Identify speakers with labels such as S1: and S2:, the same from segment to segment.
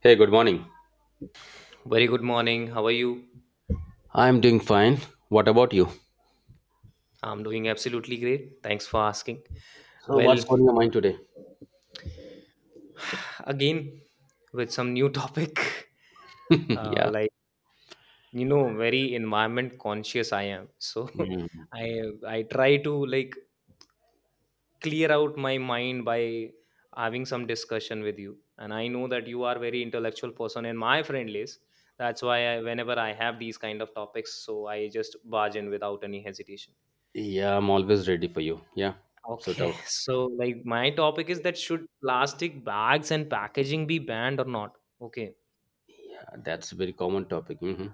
S1: Hey, good morning.
S2: Very good morning. How are you?
S1: I'm doing fine. What about you?
S2: I'm doing absolutely great. Thanks for asking.
S1: So, what's
S2: Well,
S1: on your mind today?
S2: again, with some new topic,
S1: yeah.
S2: like very environment conscious I am. So
S1: Mm.
S2: I I try to like clear out my mind by having some discussion with you. And I know that you are very intellectual person in my friend list. That's why I, whenever I have these kind of topics, so I just barge in without any hesitation.
S1: Yeah, I'm always ready for you. Yeah. Sort
S2: Okay,
S1: out.
S2: so like my topic is that should plastic bags and packaging be banned or not? Okay.
S1: That's a very common topic. Hmm.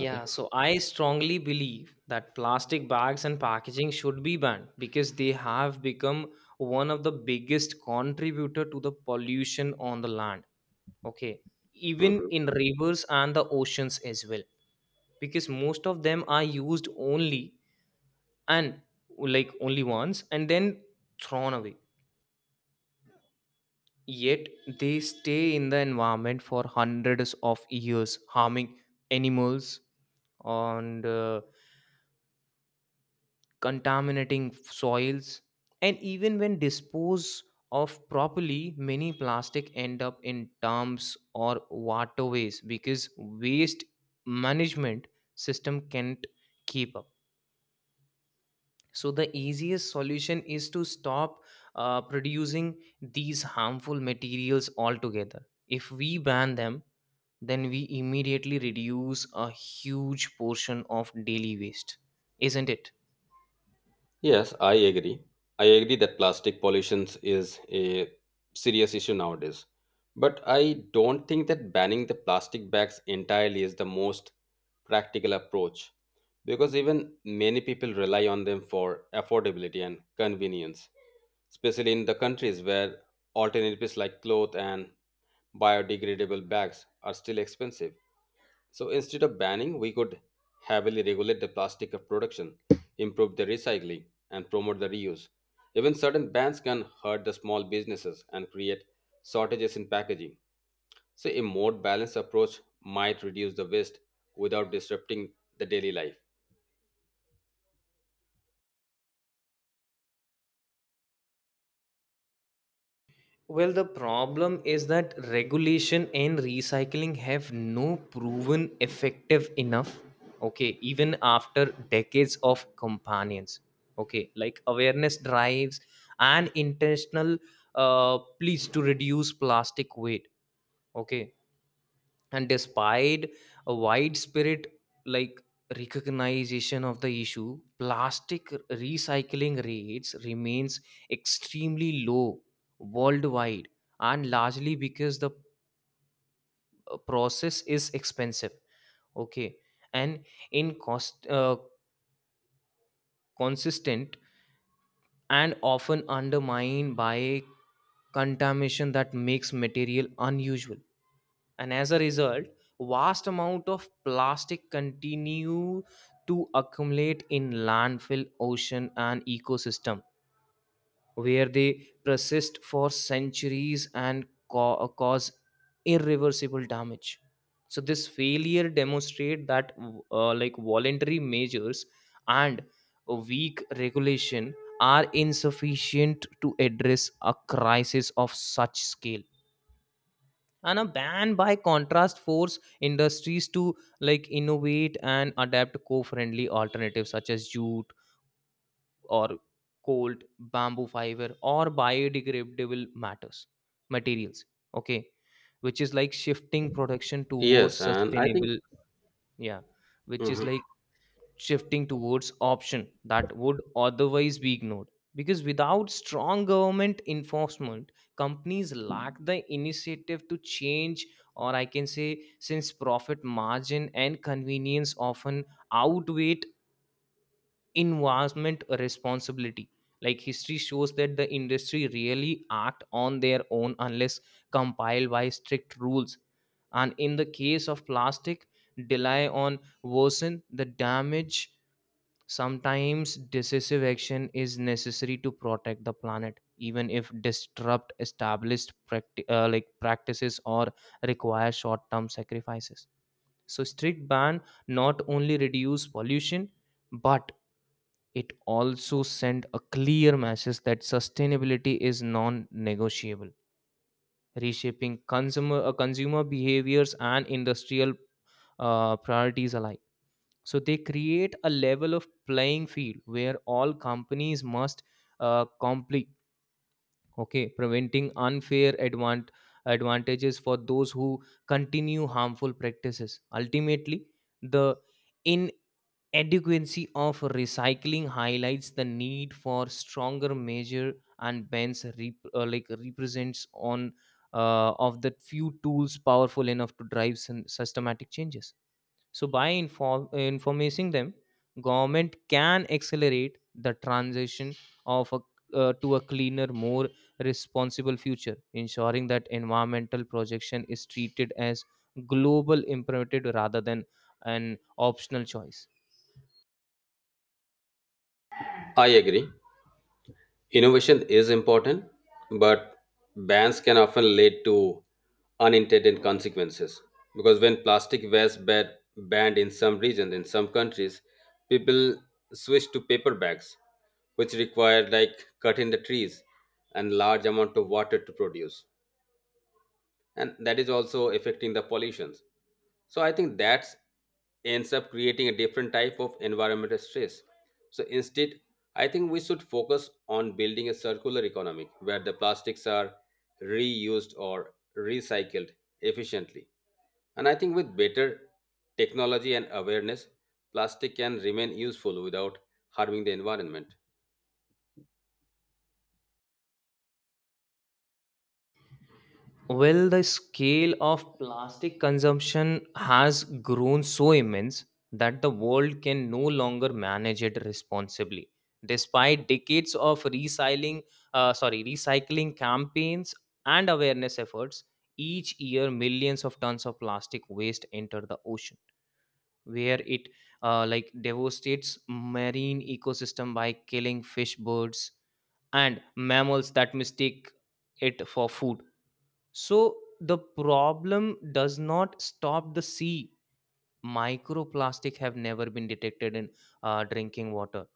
S1: Okay.
S2: so I strongly believe that plastic bags and packaging should be banned because they have become one of the biggest contributor to the pollution on the land. Okay. Even
S1: Mm-hmm.
S2: in rivers and the oceans as well because most of them are used only and like only once and then thrown away. Yet they stay in the environment for hundreds of years, harming animals and contaminating soils. And even when disposed of properly, many plastic end up in dumps or waterways because waste management system can't keep up. So, the easiest solution is to stop producing these harmful materials altogether. If we ban them, then we immediately reduce a huge portion of daily waste, isn't it?
S1: Yes, I agree. I agree that plastic pollution is a serious issue nowadays. But I don't think that banning the plastic bags entirely is the most practical approach because even many people rely on them for affordability and convenience, especially in the countries where alternatives like cloth and biodegradable bags are still expensive. So instead of banning, we could heavily regulate the plastic production, improve the recycling, and promote the reuse. Even certain bans can hurt the small businesses and create shortages in packaging. So a more balanced approach might reduce the waste without disrupting the daily life.
S2: Well, the problem is that regulation and recycling have no proven effective enough, okay, even after decades of companions, okay, like awareness drives and intentional pleas to reduce plastic weight, okay, and despite a wide spirit like recognition of the issue, plastic recycling rates remains extremely low worldwide, and largely because the process is expensive, okay, and in cost consistent and often undermined by contamination that makes material unusual. And as a result, vast amount of plastic continue to accumulate in landfill, ocean and ecosystem where they persist for centuries and cause irreversible damage. So this failure demonstrate that like voluntary measures and weak regulation are insufficient to address a crisis of such scale. And a ban by contrast force industries to like innovate and adapt co-friendly alternatives such as jute or cold bamboo fiber or biodegradable matters materials, okay, which is like shifting production towards
S1: Yes, and I think
S2: sustainable. Yeah, which is
S1: Mhm.
S2: like shifting towards option that would otherwise be ignored because without strong government enforcement companies lack the initiative to change. Or I can say, since profit margin and convenience often outweigh environment responsibility, like history shows that the industry really act on their own unless compiled by strict rules. And in the case of plastic, rely on worsen the damage. Sometimes decisive action is necessary to protect the planet, even if disrupt established like practices or require short-term sacrifices. So strict ban not only reduce pollution, but it also send a clear message that sustainability is non-negotiable, reshaping consumer behaviors and industrial priorities alike. So they create a level of playing field where all companies must complete, okay, preventing unfair advantages for those who continue harmful practices. Ultimately, the inadequacy of recycling highlights the need for stronger measure, and bans like represents on of the few tools powerful enough to drive some systematic changes. So by informing them, government can accelerate the transition of a, to a cleaner, more responsible future, ensuring that environmental projection is treated as global imperative rather than an optional choice.
S1: I agree. Innovation is important, but bans can often lead to unintended consequences. Because when plastic was banned in some regions, in some countries, people switched to paper bags, which required like cutting the trees and large amount of water to produce, and that is also affecting the pollutions. So I think that ends up creating a different type of environmental stress. So instead, I think we should focus on building a circular economy where the plastics are reused or recycled efficiently. And I think with better technology and awareness, plastic can remain useful without harming the environment.
S2: Well, the scale of plastic consumption has grown so immense that the world can no longer manage it responsibly. Despite decades of recycling, sorry, recycling campaigns and awareness efforts, each year millions of tons of plastic waste enter the ocean, where it like devastates marine ecosystem by killing fish, birds, and mammals that mistake it for food. So the problem does not stop the sea. Microplastic have never been detected in drinking water.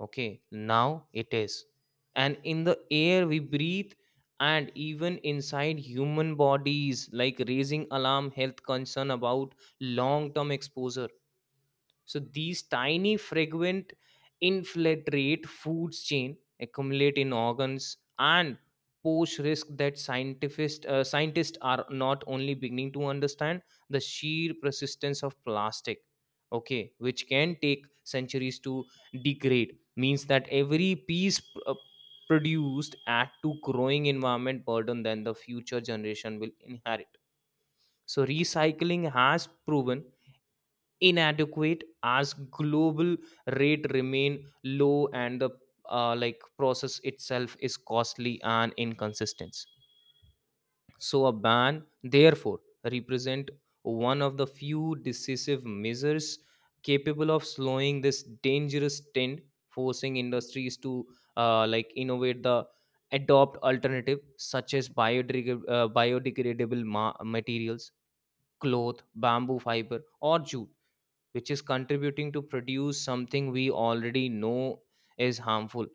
S2: Okay, now it is, and in the air we breathe, and even inside human bodies, like raising alarm health concern about long-term exposure. So these tiny fragrant infiltrate foods chain, accumulate in organs and pose risk that scientists are not only beginning to understand the sheer persistence of plastic, okay, which can take centuries to degrade means that every piece uh, produced at to growing environment burden than the future generation will inherit. So recycling has proven inadequate as global rate remain low and the like process itself is costly and inconsistent. So a ban therefore represent one of the few decisive measures capable of slowing this dangerous trend, forcing industries to like innovate the adopt alternative such as biodegradable materials, cloth, bamboo fiber or jute, which is contributing to produce something we already know is harmful,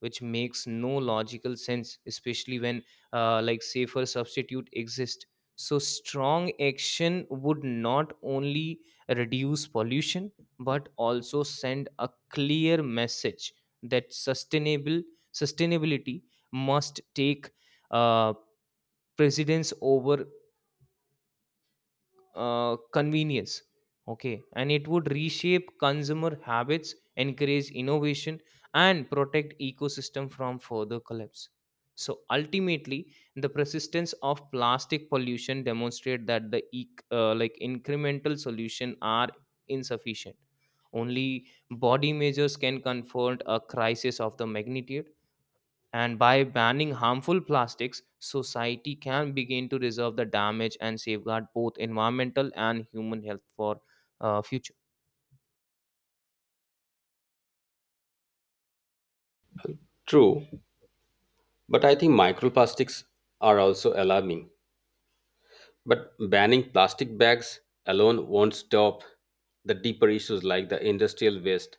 S2: which makes no logical sense especially when like safer substitute exist. So strong action would not only reduce pollution but also send a clear message that sustainable sustainability must take uh, precedence over convenience, okay, and it would reshape consumer habits, encourage innovation, and protect ecosystem from further collapse. So ultimately the persistence of plastic pollution demonstrate that the like incremental solution are insufficient. Only body measures can confront a crisis of the magnitude, and by banning harmful plastics, society can begin to reserve the damage and safeguard both environmental and human health for future.
S1: True, but I think microplastics are also alarming. But banning plastic bags alone won't stop the deeper issues like the industrial waste,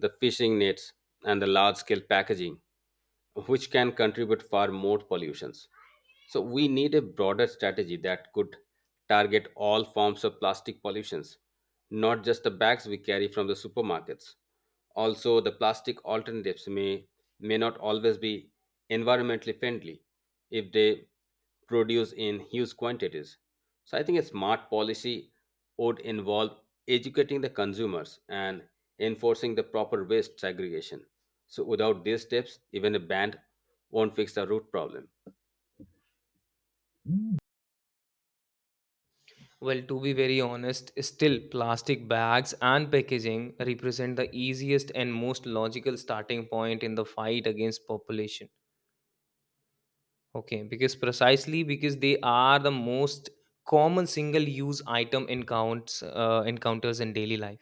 S1: the fishing nets, and the large scale packaging, which can contribute far more pollutions. So we need a broader strategy that could target all forms of plastic pollutions, not just the bags we carry from the supermarkets. Also, the plastic alternatives may not always be environmentally friendly if they produce in huge quantities. So I think a smart policy would involve educating the consumers and enforcing the proper waste segregation. So without these steps, even a band won't fix the root problem.
S2: Well, to be very honest, still plastic bags and packaging represent the easiest and most logical starting point in the fight against population. Okay, because precisely because they are the most common single use item encounters in daily life.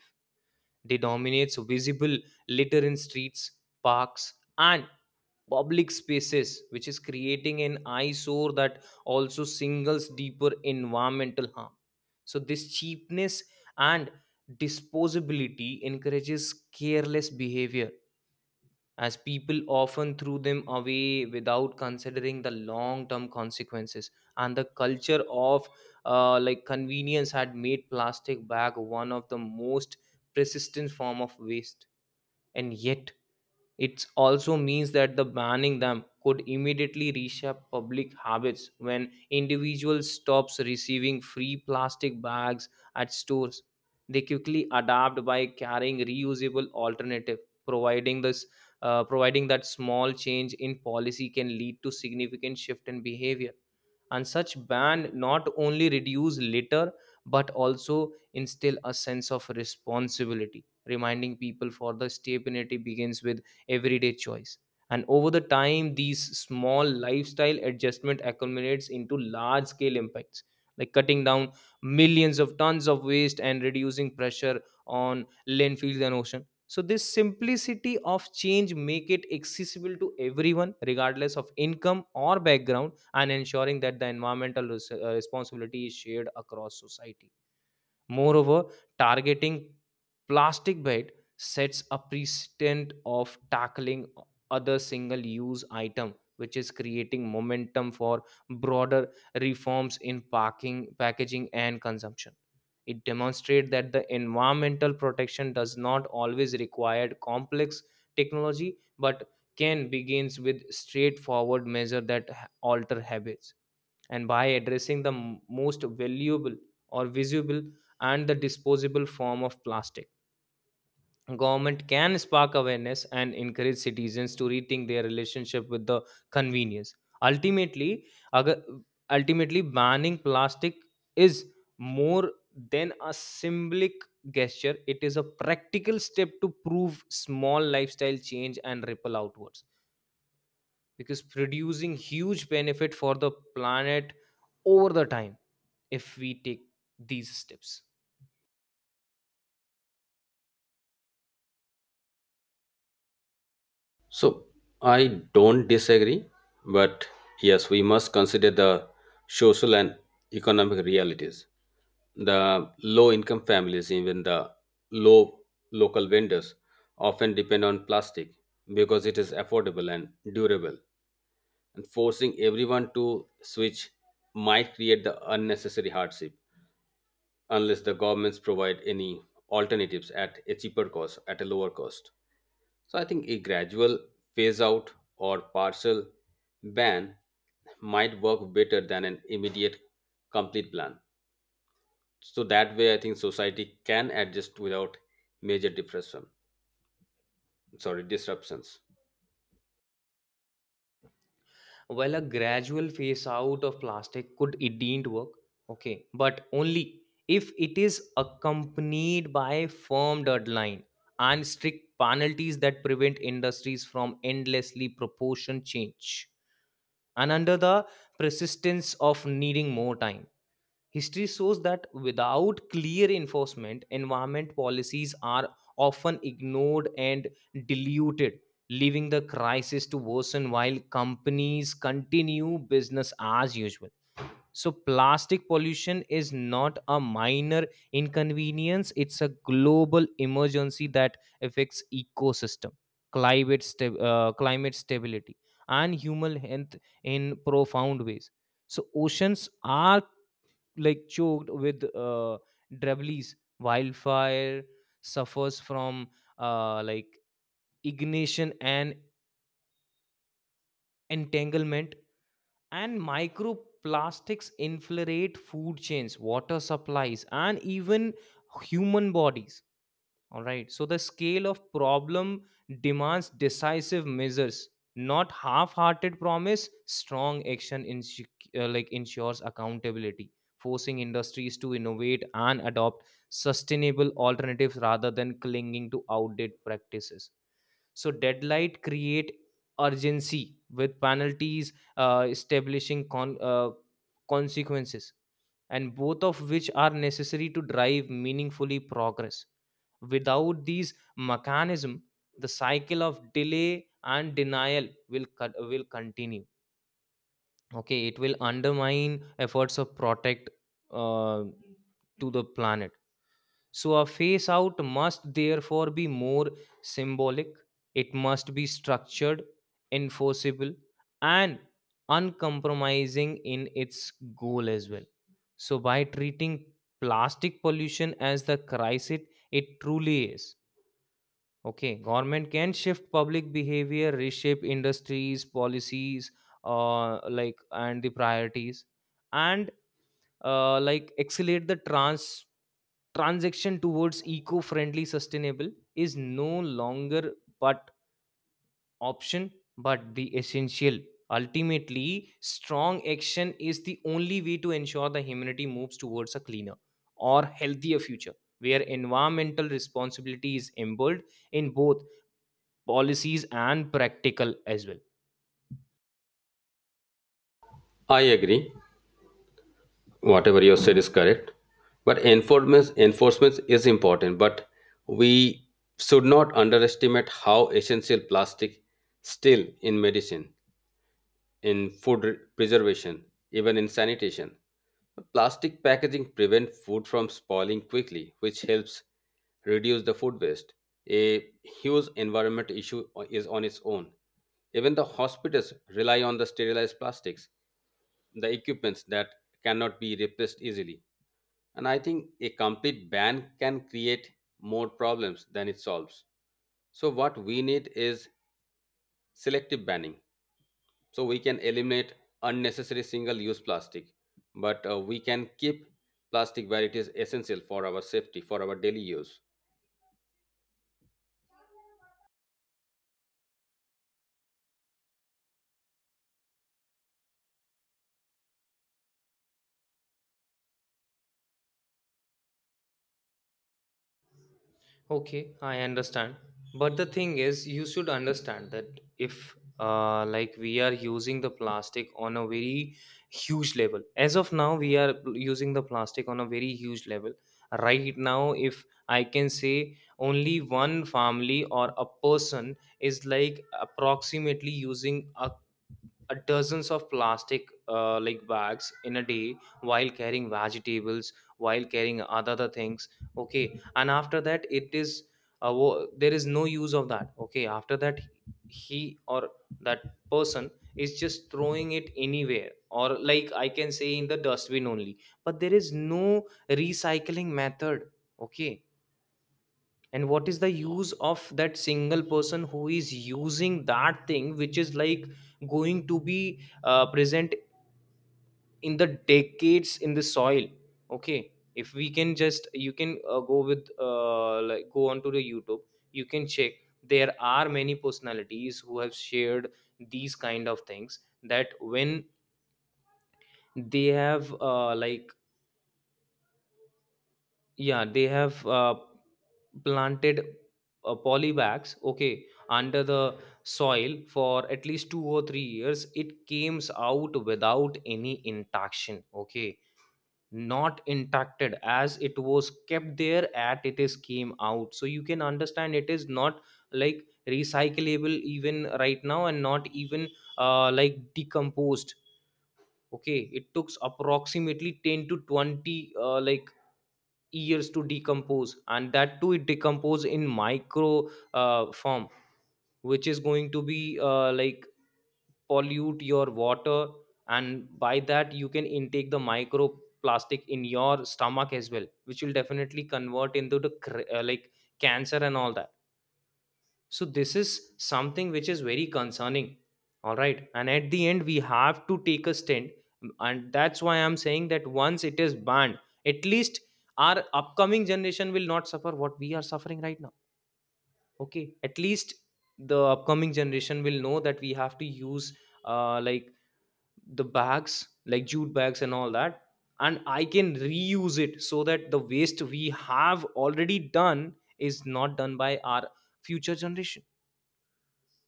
S2: They dominates visible litter in streets, parks, and public spaces, which is creating an eyesore that also singles deeper environmental harm. So this cheapness and disposability encourages careless behavior as people often threw them away without considering the long term consequences. And the culture of like convenience had made plastic bag one of the most persistent form of waste. And yet it also means that the banning them could immediately reshape public habits. When individuals stops receiving free plastic bags at stores, they quickly adapt by carrying reusable alternative, providing this, providing that small change in policy can lead to significant shift in behavior. And such ban not only reduce litter but also instill a sense of responsibility, reminding people for the stability begins with everyday choice. And over the time these small lifestyle adjustment accumulates into large scale impacts, like cutting down millions of tons of waste and reducing pressure on landfills and ocean. So this simplicity of change make it accessible to everyone regardless of income or background, and ensuring that the environmental responsibility is shared across society. Moreover, targeting plastic bait sets a precedent of tackling other single-use item, which is creating momentum for broader reforms in packing, packaging, and consumption. It demonstrates that the environmental protection does not always require complex technology, but can begins with straightforward measures that alter habits. And by addressing the most valuable or visible and the disposable form of plastic, government can spark awareness and encourage citizens to rethink their relationship with the convenience. ultimately agar, ultimately banning plastic is more than a symbolic gesture. It is a practical step to prove small lifestyle change and ripple outwards, because producing huge benefit for the planet over the time if we take these steps.
S1: So I don't disagree, but yes, we must consider the social and economic realities. The low income families, even the low local vendors, often depend on plastic because it is affordable and durable. And forcing everyone to switch might create the unnecessary hardship, unless the governments provide any alternatives at a cheaper cost, at a lower cost. So I think a gradual phase out or partial ban might work better than an immediate complete plan. So that way, I think society can adjust without major disruption. Sorry, disruptions.
S2: Well, a gradual phase out of plastic could indeed work, okay, but only if it is accompanied by firm deadline and strict penalties that prevent industries from endlessly proportion change and under the persistence of needing more time. History shows that without clear enforcement, environment policies are often ignored and diluted, leaving the crisis to worsen while companies continue business as usual. So, plastic pollution is not a minor inconvenience, it's a global emergency that affects ecosystem, climate, climate stability, and human health in profound ways. So, oceans are like choked with debris. Wildfire suffers from like ignition and entanglement, and microplastics infiltrate food chains, water supplies, and even human bodies. All right. So the scale of problem demands decisive measures, not half-hearted promise. Strong action like ensures accountability, forcing industries to innovate and adopt sustainable alternatives rather than clinging to outdated practices. So deadline create urgency with establishing consequences, and both of which are necessary to drive meaningfully progress. Without these mechanism, the cycle of delay and denial will continue, okay, it will undermine efforts of protect uh, to the planet. So a phase out must therefore be more symbolic, it must be structured, enforceable, and uncompromising in its goal as well. So by treating plastic pollution as the crisis it truly is, okay, government can shift public behavior, reshape industries, policies, like and the priorities, and like accelerate the transaction towards eco-friendly, sustainable is no longer but option, but the essential. Ultimately, strong action is the only way to ensure the humanity moves towards a cleaner or healthier future, where environmental responsibility is embedded in both policies and practical as well.
S1: I agree. Whatever you said is correct, but enforcement is important, but we should not underestimate how essential plastic still in medicine, in preservation, even in sanitation. Plastic packaging prevent food from spoiling quickly, which helps reduce the food waste, a huge environment issue is on its own. Even the hospitals rely on the sterilized plastics, the equipments that cannot be replaced easily. And I think a complete ban can create more problems than it solves. So, what we need is selective banning. So, we can eliminate unnecessary single use plastic, but we can keep plastic where it is essential for our safety, for our daily use.
S2: Okay, I understand. But the thing is, you should understand that if like we are using the plastic on a very huge level. As of now, we are using the plastic on a very huge level. Right now, if I can say only one family or a person is like approximately using a dozens of plastic bags in a day, while carrying vegetables, while carrying other things, okay. And after that, it is there is no use of that, okay. After that, he or that person is just throwing it anywhere, or like I can say in the dustbin only, but there is no recycling method, okay. And what is the use of that single person who is using that thing which is like going to be present in the decades in the soil, okay? If we can just, you can go with, go onto the YouTube, you can check, there are many personalities who have shared these kind of things, that when they have yeah they have uh, planted polybags, okay, under the soil for at least 2 or 3 years, it came out without any interaction, okay, not impacted, as it was kept there at it is came out. So you can understand, it is not like recyclable even right now and not even decomposed, okay. It took approximately 10 to 20 years to decompose, and that too it decompose in micro form, which is going to be pollute your water, and by that you can intake the microplastic in your stomach as well, which will definitely convert into the cancer and all that. So this is something which is very concerning, all right. And at the end, we have to take a stand, and that's why I'm saying that once it is banned, at least our upcoming generation will not suffer what we are suffering right now, okay. At least the upcoming generation will know that we have to use uh, like the bags like jute bags and all that, and I can reuse it, so that the waste we have already done is not done by our future generation.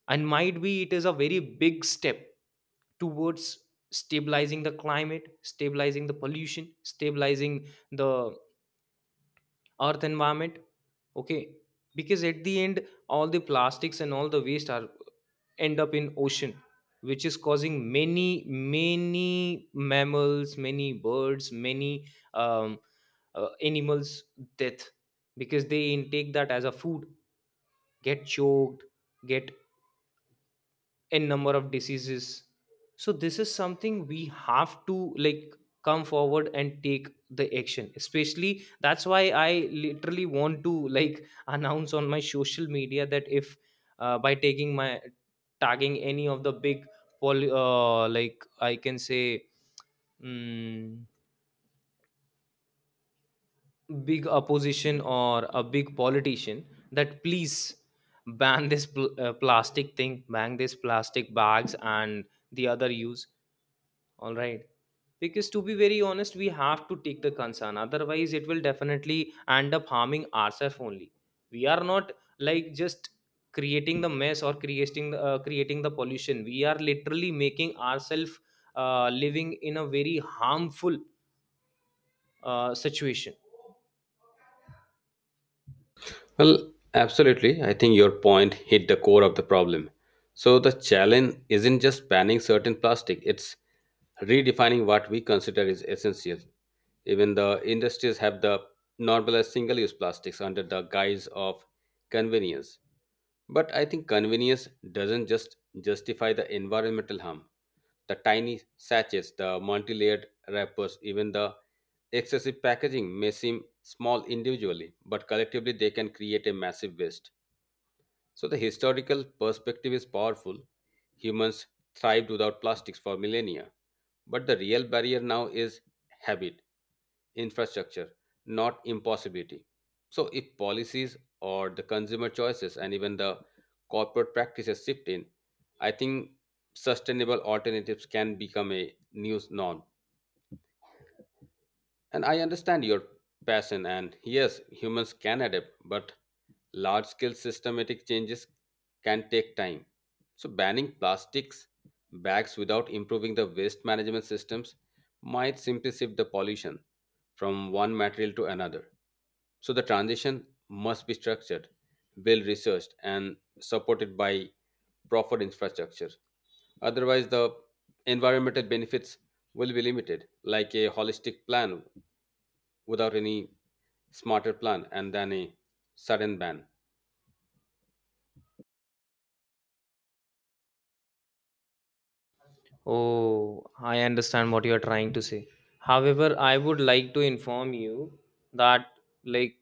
S2: And might be it is a very big step towards stabilizing the climate, stabilizing the pollution, stabilizing the earth environment, okay. Because at the end, all the plastics and all the waste are end up in ocean, which is causing many many mammals, many birds, many um, animals death, because they intake that as a food, get choked, get n number of diseases. So this is something we have to like come forward and take the action, especially. That's why I literally want to like announce on my social media that if by taking my, tagging any of the big poly, like I can say mm, big opposition or a big politician, that please ban this plastic thing, ban this plastic bags and the other use. All right. Because to be very honest, we have to take the concern. Otherwise, it will definitely end up harming ourselves only. We are not like just creating the mess or creating the pollution. We are literally making ourselves living in a very harmful situation.
S1: Well, absolutely. I think your point hit the core of the problem. So the challenge isn't just banning certain plastic, it's redefining what we consider is essential. Even the industries have the normalized single-use plastics under the guise of convenience. But I think convenience doesn't just justify the environmental harm. The tiny sachets, the multi-layered wrappers, even the excessive packaging may seem small individually, but collectively they can create a massive waste. So the historical perspective is powerful. Humans thrived without plastics for millennia, but the real barrier now is habit, infrastructure, not impossibility. So, if policies or the consumer choices and even the corporate practices shift in, I think sustainable alternatives can become a new norm. And I understand your passion, and yes, humans can adapt, but large scale systematic changes can take time. So, banning plastics bags without improving the waste management systems might simply shift the pollution from one material to another. So the transition must be structured, well researched, and supported by proper infrastructure. Otherwise, the environmental benefits will be limited, like a holistic plan without any smarter plan and then a sudden ban.
S2: Oh, I understand what you are trying to say. However, I would like to inform you that, like,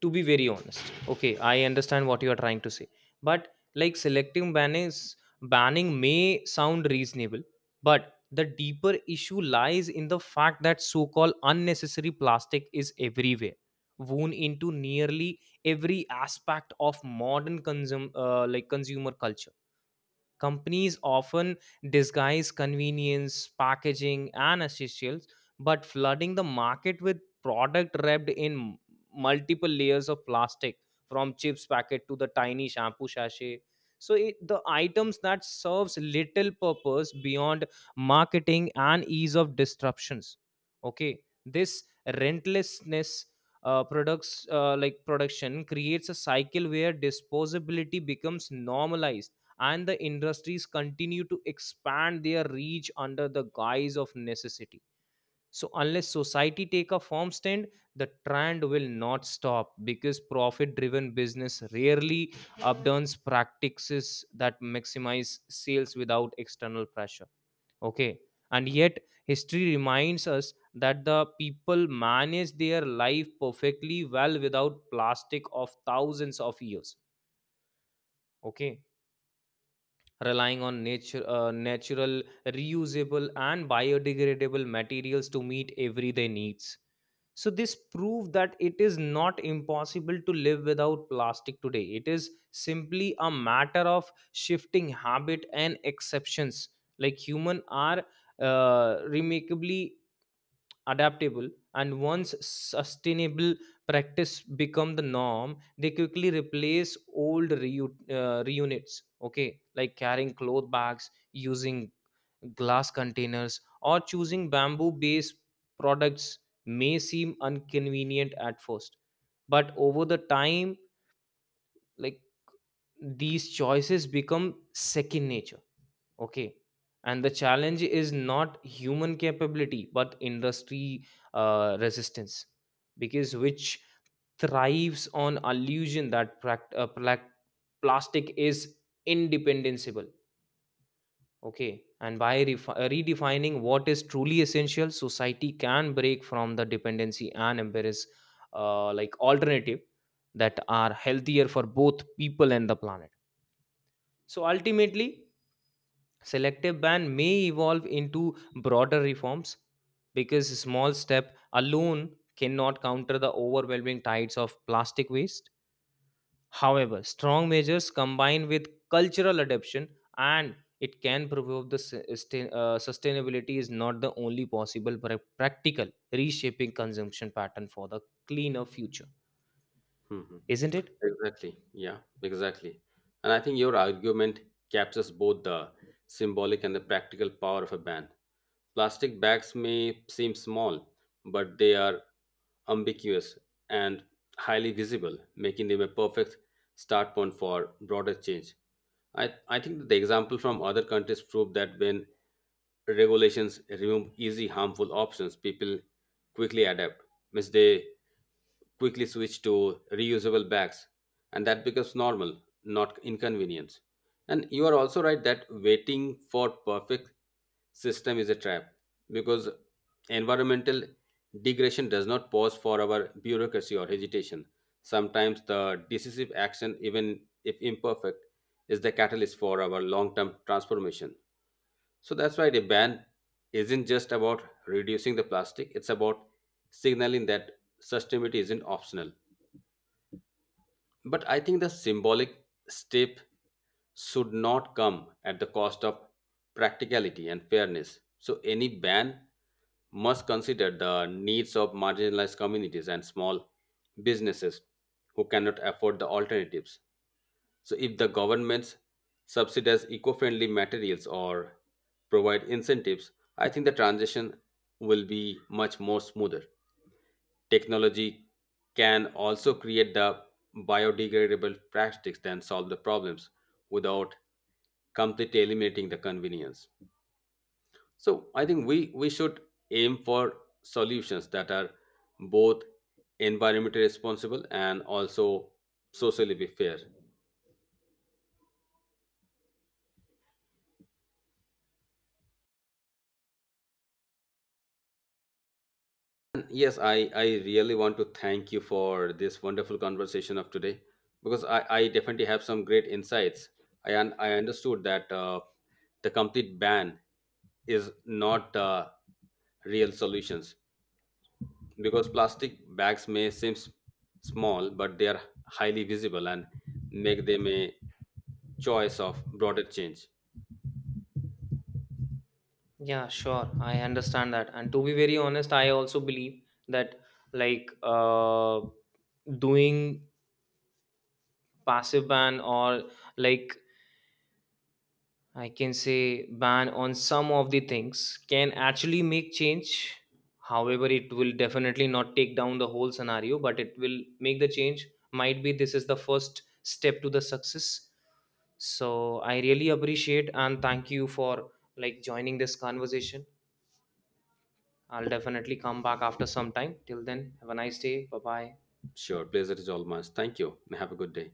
S2: to be very honest, okay, I understand what you are trying to say, but like selective ban is banning may sound reasonable, but the deeper issue lies in the fact that so-called unnecessary plastic is everywhere, woven into nearly every aspect of modern consumer culture. Companies often disguise convenience, packaging, and essentials, but flooding the market with product wrapped in multiple layers of plastic, from chips packet to the tiny shampoo sachet. So it, the items that serves little purpose beyond marketing and ease of disruptions. Okay, this rentlessness products like production creates a cycle where disposability becomes normalized, and the industries continue to expand their reach under the guise of necessity. So unless society take a firm stand, the trend will not stop, because profit driven business rarely upturns practices that maximize sales without external pressure, okay. And yet, history reminds us that the people manage their life perfectly well without plastic of thousands of years, okay, relying on natural, reusable, and biodegradable materials to meet everyday needs. So, this proves that it is not impossible to live without plastic today. It is simply a matter of shifting habit and exceptions. Like human are remarkably adaptable, and once sustainable practice become the norm, they quickly replace reunits, okay, like carrying cloth bags, using glass containers, or choosing bamboo based products may seem inconvenient at first, but over the time, like, these choices become second nature. Okay. And the challenge is not human capability, but industry resistance, because which thrives on illusion that plastic is independable. Okay. And by redefining what is truly essential, society can break from the dependency and embrace alternative that are healthier for both people and the planet. So ultimately, selective ban may evolve into broader reforms, because a small step alone cannot counter the overwhelming tides of plastic waste. However, strong measures combined with cultural adaptation, and it can prove the sustainability is not the only possible but practical, reshaping consumption pattern for the cleaner future,
S1: Mhm.
S2: isn't it?
S1: Exactly. Yeah, exactly. And I think your argument captures both the symbolic and the practical power of a ban. Plastic bags may seem small, but they are ambiguous and highly visible, making them a perfect start point for broader change. I think that the example from other countries prove that when regulations remove easy harmful options, people quickly adapt. Means they quickly switch to reusable bags, and that becomes normal, not inconvenience. And you are also right that waiting for perfect system is a trap because environmental degradation does not pause for our bureaucracy or hesitation. Sometimes the decisive action, even if imperfect, is the catalyst for our long term transformation. So that's why the ban isn't just about reducing the plastic, it's about signaling that sustainability isn't optional. But I think the symbolic step should not come at the cost of practicality and fairness. So, any ban must consider the needs of marginalized communities and small businesses who cannot afford the alternatives. So, if the governments subsidize eco friendly materials or provide incentives, I think the transition will be much more smoother. Technology can also create the biodegradable plastics that solve the problems without completely eliminating the convenience. So I think we should aim for solutions that are both environmentally responsible and also socially be fair. And yes, I really want to thank you for this wonderful conversation of today because I definitely have some great insights. I understood that the complete ban is not real solutions because plastic bags may seem small but they are highly visible and make them a choice of broader change.
S2: Yeah, sure. I understand that. And to be very honest, I also believe that, like doing passive ban, or like I can say ban on some of the things, can actually make change. However, it will definitely not take down the whole scenario, but it will make the change. Might be this is the first step to the success. So I really appreciate and thank you for like joining this conversation. I'll definitely come back after some time. Till then, have a nice day. Bye bye.
S1: Sure, pleasure is all mine. Thank you and have a good day.